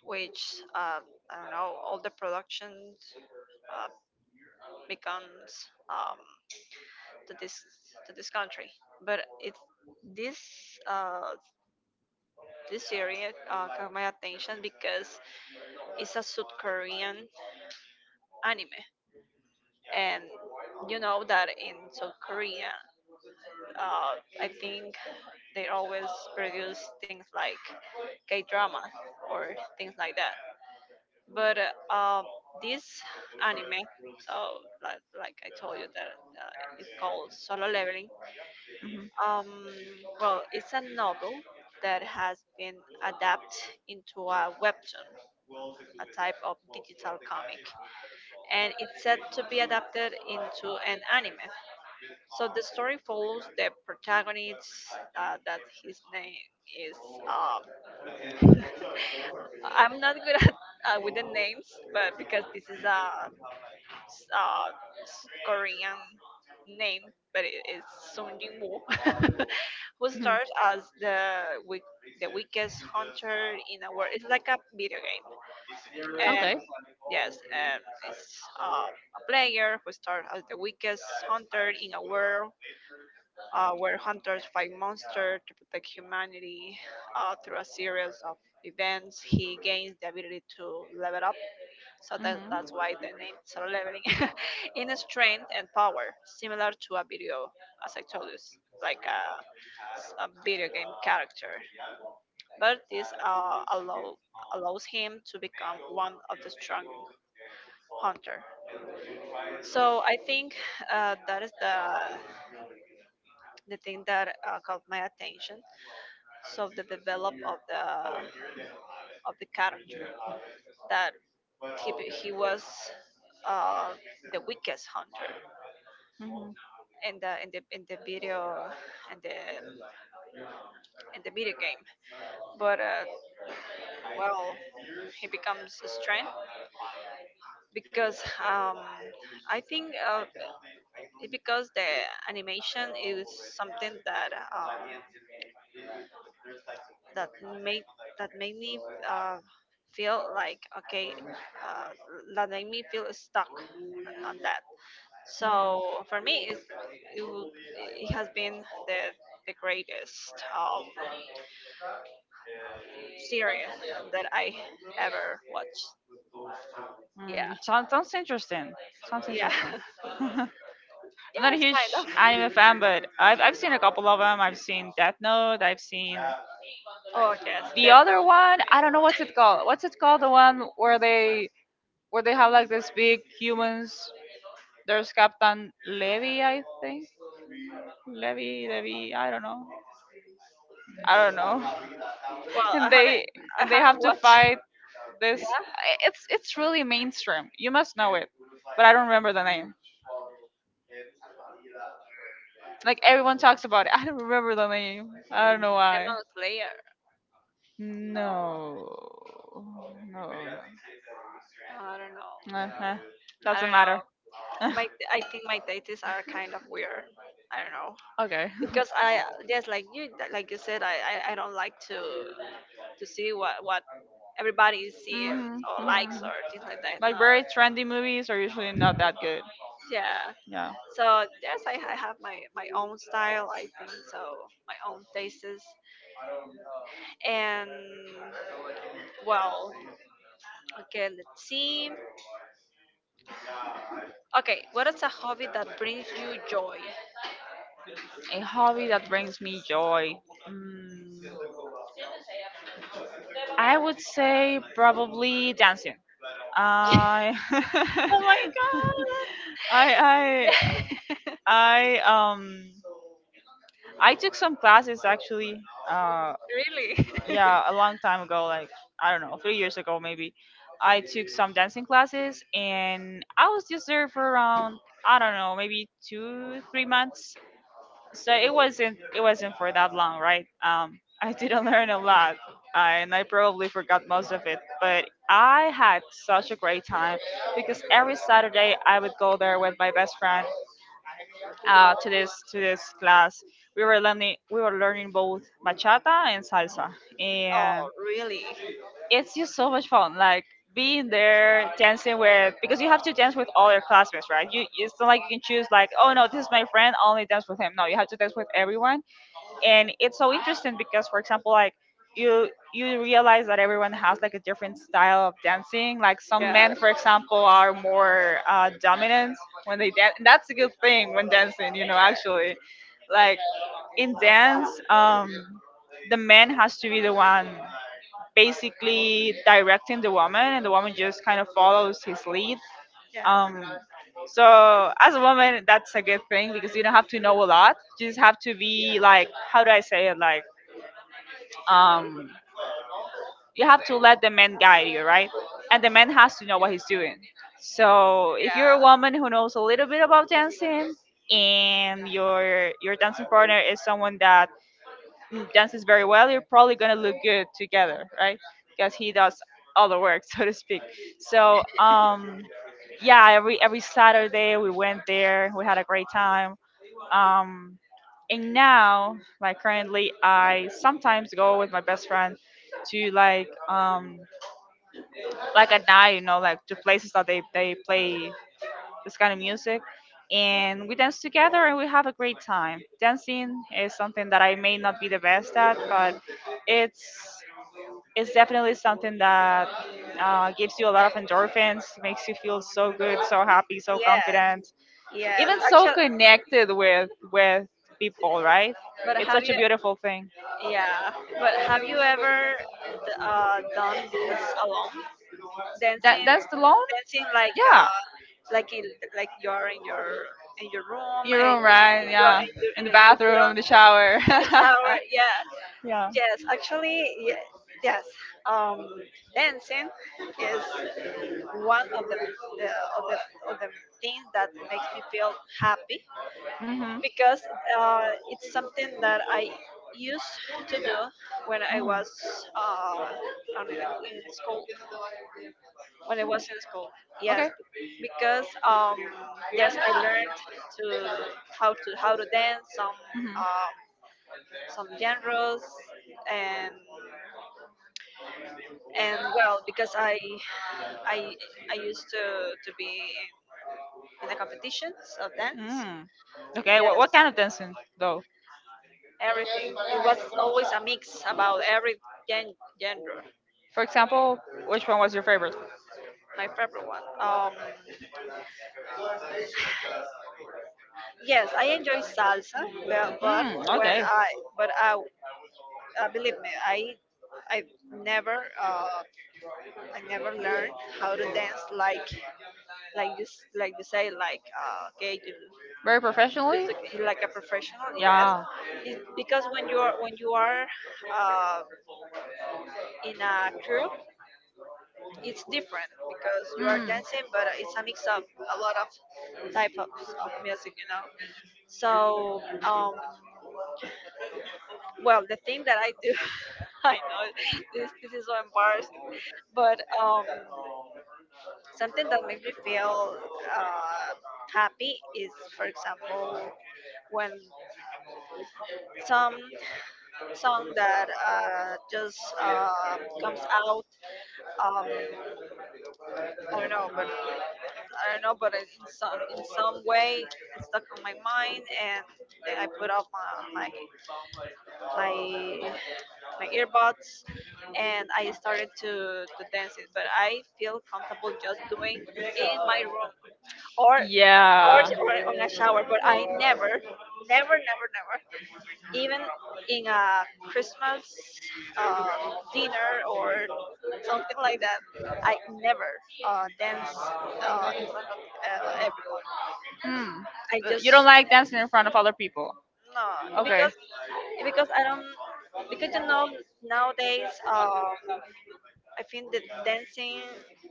which, I don't know, all the production uh, becomes to this to this country. But it this uh, this area caught my attention because it's a South Korean anime, and you know that in South Korea, uh, I think they always produce things like K drama or things like that. But this anime, so, like I told you that, it's called Solo Leveling. Um, well, it's a novel that has been adapted into a webtoon, a type of digital comic, and it's said to be adapted into an anime. So the story follows the protagonist, that his name is. Um, I'm not good [laughs] at, with the names, but because this is a, uh Korean name, but it is Sung Jin Woo, [laughs] who
Mhm.
stars as the weak, the weakest hunter in a world. It's like a video game, and
Okay.
yes, and it's a player who starts as the weakest hunter in a world, where hunters fight monsters to protect humanity through a series of events. He gains the ability to level up, so that,
Mhm.
that's why the name is leveling. [laughs] In strength and power, similar to a video, as I told you, like a, a video game character. But this allows him to become one of the strong hunter. So I think that is the thing that caught my attention, so the develop of the character, that he was uh, the weakest hunter
Mhm.
in the in the in the in the video game. But well, he becomes a strength, because I think it because the animation is something that um, that made, that made me uh, feel like, okay, uh, that made me feel stuck on that.
Mhm.
So for me, it's, it, will, it has been the, the greatest series that I ever watched. Yeah,
Mm, sounds sounds interesting. Sounds
yeah,
interesting.
[laughs]
[laughs] I'm not a
yes,
huge
kind
anime
of.
fan, but I've seen a couple of them. I've seen Death Note. I've seen
Oh yes,
the
Death
other
Note.
one. I don't know what's it called. What's it called? The one where they have like this big humans. There's Captain Levy, I think. Levy, I don't know. I don't know. [laughs]
Well,
And they
I
and they
haven't
have to
watched.
fight
Yeah,
this. It's really mainstream. You must know it. But I don't remember the name. Like everyone talks about it. [laughs] I don't remember the name. I don't know
Death
why.
Note Slayer. No,
No. No.
I don't know.
Uh-huh.
I
Doesn't
don't know.
matter. [laughs]
My, I think my dates are kind of weird. I don't know.
Okay.
Because I, yes, like you, like you said, I, I don't like to see what everybody is
[laughs]
seeing
Hmm,
or
hmm.
likes or things like that. No,
Like very trendy movies are usually not that good.
yeah.
Yeah.
So yes, I have my my own style, I think. So my own tastes. And well, okay, let's see. Okay, what is a hobby that brings you joy?
A hobby that brings me joy. Mm, I would say probably dancing. I
Oh my
[laughs]
god! [laughs]
I
Yeah,
I I um I took some classes actually. Uh,
really.
yeah, a long time ago, like, I don't know, 3 years ago maybe. I took some dancing classes, and I was just there for around, I don't know, maybe two, 3 months. So it wasn't for that long, right? [laughs] I didn't learn a lot. And I probably forgot most of it, but I had such a great time because every Saturday I would go there with my best friend, to this class. We were learning both bachata and salsa,
[laughs]
and
Oh, really?
it's just so much fun. Like, being there dancing with, because you have to dance with all your classmates, right? You, it's not like you can choose, like, oh no, this is my friend, only dance with him. No, you have to dance with everyone. And it's so interesting because, for example, like, you realize that everyone has like a different style of dancing. Like, some
Yeah,
men, for example, are more dominant when they dance, and that's a good thing when dancing, you know. Actually, like, in dance, the man has to be the one basically directing the woman, and the woman just kind of follows his lead.
yeah.
um so as a woman, that's a good thing because you don't have to know a lot. You just have to be like, how do I say it, like, um, you have to let the man guide you, right? And the man has to know what he's doing. So if you're
Yeah.
a woman who knows a little bit about dancing and your dancing partner is someone that, mm, dances very well, you're probably gonna look good together, right? Because he does all the work, [laughs] so to speak. So yeah, every Saturday we went there. We had a great time. Um, and now, like, currently, I sometimes go with my best friend to, like, like at night, you know, like to places that they play this kind of music, and we dance together and we have a great time. Dancing is something that I may not be the best at, but it's it's definitely something that gives you a lot of endorphins, makes you feel so good, so happy, so
Yes.
confident,
Yes.
even so
Actually,
connected with people, right?
but
It's
have
such a
you?
beautiful thing.
Yeah. But have you ever done this alone?
That
Dancing,
that's the loan?
dancing
Yeah.
like in, like you're in your room,
Your
and
room,
just
right?
you are,
Yeah. In
and
the
you put on
bathroom, the shower.
the shower.
[laughs]
Yeah.
Yeah.
Yes. Actually, yeah. Yes. Um, dancing is one of the of the of the things that makes me feel happy,
Mhm.
because uh, it's something that I used to do when I
Mhm.
was on, in school. When I was in school, yes,
Okay.
because yes, I learned to how to dance
Mhm.
uh, some genres and and well because I I used to be in the competitions of dance.
Mm. Okay.
Yes,
What kind of dancing though?
everything. It was always a mix about every gen- genre.
For example, which one was your favorite?
My favorite one. Yes, I enjoy salsa, but
Mm,
when
okay.
I but I believe me, I never I never learned how to dance like you say like okay you
Very
you
professionally?
took you like a professional, yes.
Yeah.
It's because when you are uh, in a crew. It's different because you are dancing, but it's a mix of a lot of types of, of music, you know. So well, the thing that I do, [laughs] I know this is so embarrassing, but something that makes me feel uh happy is, for example, when some song that just comes out. um i don't know but I don't know, but in some way it stuck on my mind, and then I put off my my, my earbuds, and I started to dance it. But I feel comfortable just doing in my room or
Yeah.
or on a shower. But I never, never, never, never, even in a Christmas uh, dinner or something like that, I never dance in front of everyone.
Hmm.
I
You
just,
don't like dancing in front of other people.
no,
Okay.
because because I don't because you know, nowadays, I think that dancing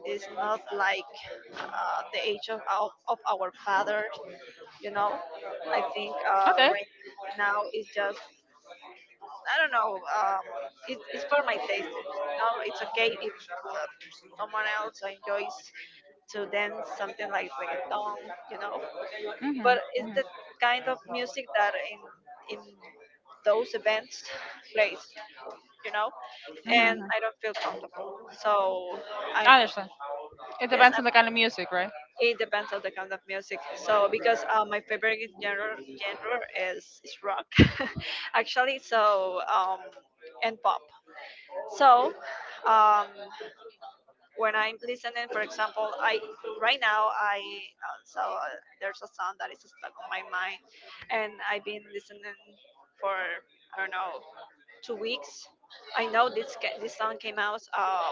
is not like the age of of our fathers, you know. I think
Okay.
right now it's just, I don't know, it's for my taste. No, it's okay if uh, someone else enjoys to dance something like reggaeton, you know. But
Mhm.
it's
Mhm.
the kind of music that in those events plays, you know, and
Mhm.
I don't feel comfortable. So I'm,
I understand. It
yes,
depends
I'm,
on the kind of music, right?
it depends on the kind of music. So because my favorite genre is rock, [laughs] actually. So and pop. So um when I'm listening, for example, I, right now I also, there's a song that is stuck on my mind, and I've been listening for, I don't know, 2 weeks. I know this this song came out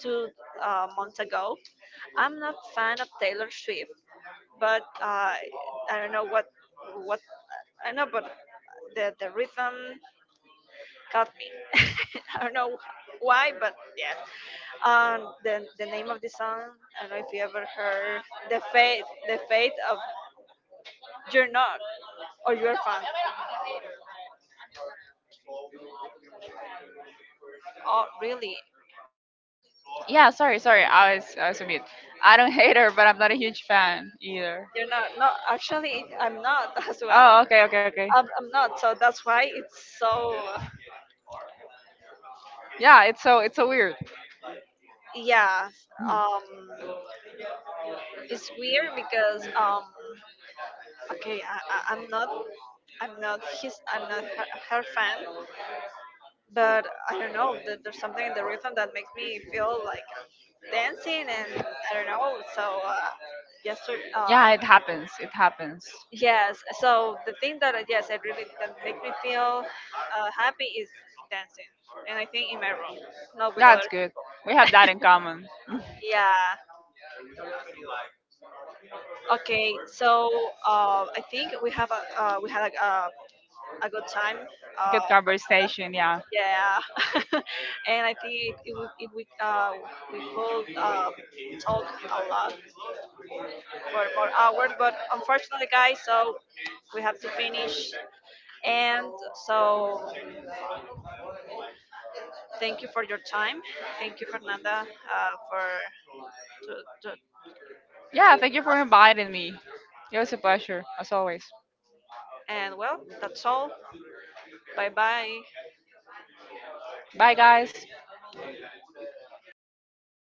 two months ago. I'm not fan of Taylor Swift, but I don't know what I know, but the rhythm got me. [laughs] I don't know why, but yeah. And the name of the song, I don't know if you ever heard, the fate of you're not, or you're fun. Oh, really?
Yeah. Sorry. Sorry. I was a mute. I don't [laughs] hate her, but I'm not a huge fan either.
You're not? No, actually, I'm not [laughs] as
Oh.
well.
Okay. Okay. Okay.
I'm not. So that's why it's so.
Yeah, it's so weird.
Yeah.
Mhm.
Um, it's weird because okay, I'm not. I'm not his. I'm not her, her fan, but I don't know. There's something in the rhythm that makes me feel like dancing, and I don't know. So yesterday,
Yeah, it happens. It happens.
yes. So the thing that yes, I really that makes me feel happy is dancing, and I think in my room, not with
That's
other
good.
people.
We have that in common. [laughs]
Yeah. Okay. So I think we have a we had a good time. Uh,
Good conversation. Yeah.
yeah. [laughs] And I think if we could talk a lot for more hours. But unfortunately, guys, so we have to finish. And so thank you for your time. Thank you, Fernanda, for to, to
Yeah.
be
Thank you
with
for
us.
inviting me. It was a pleasure as always.
And well, that's all. Bye bye.
Bye, guys.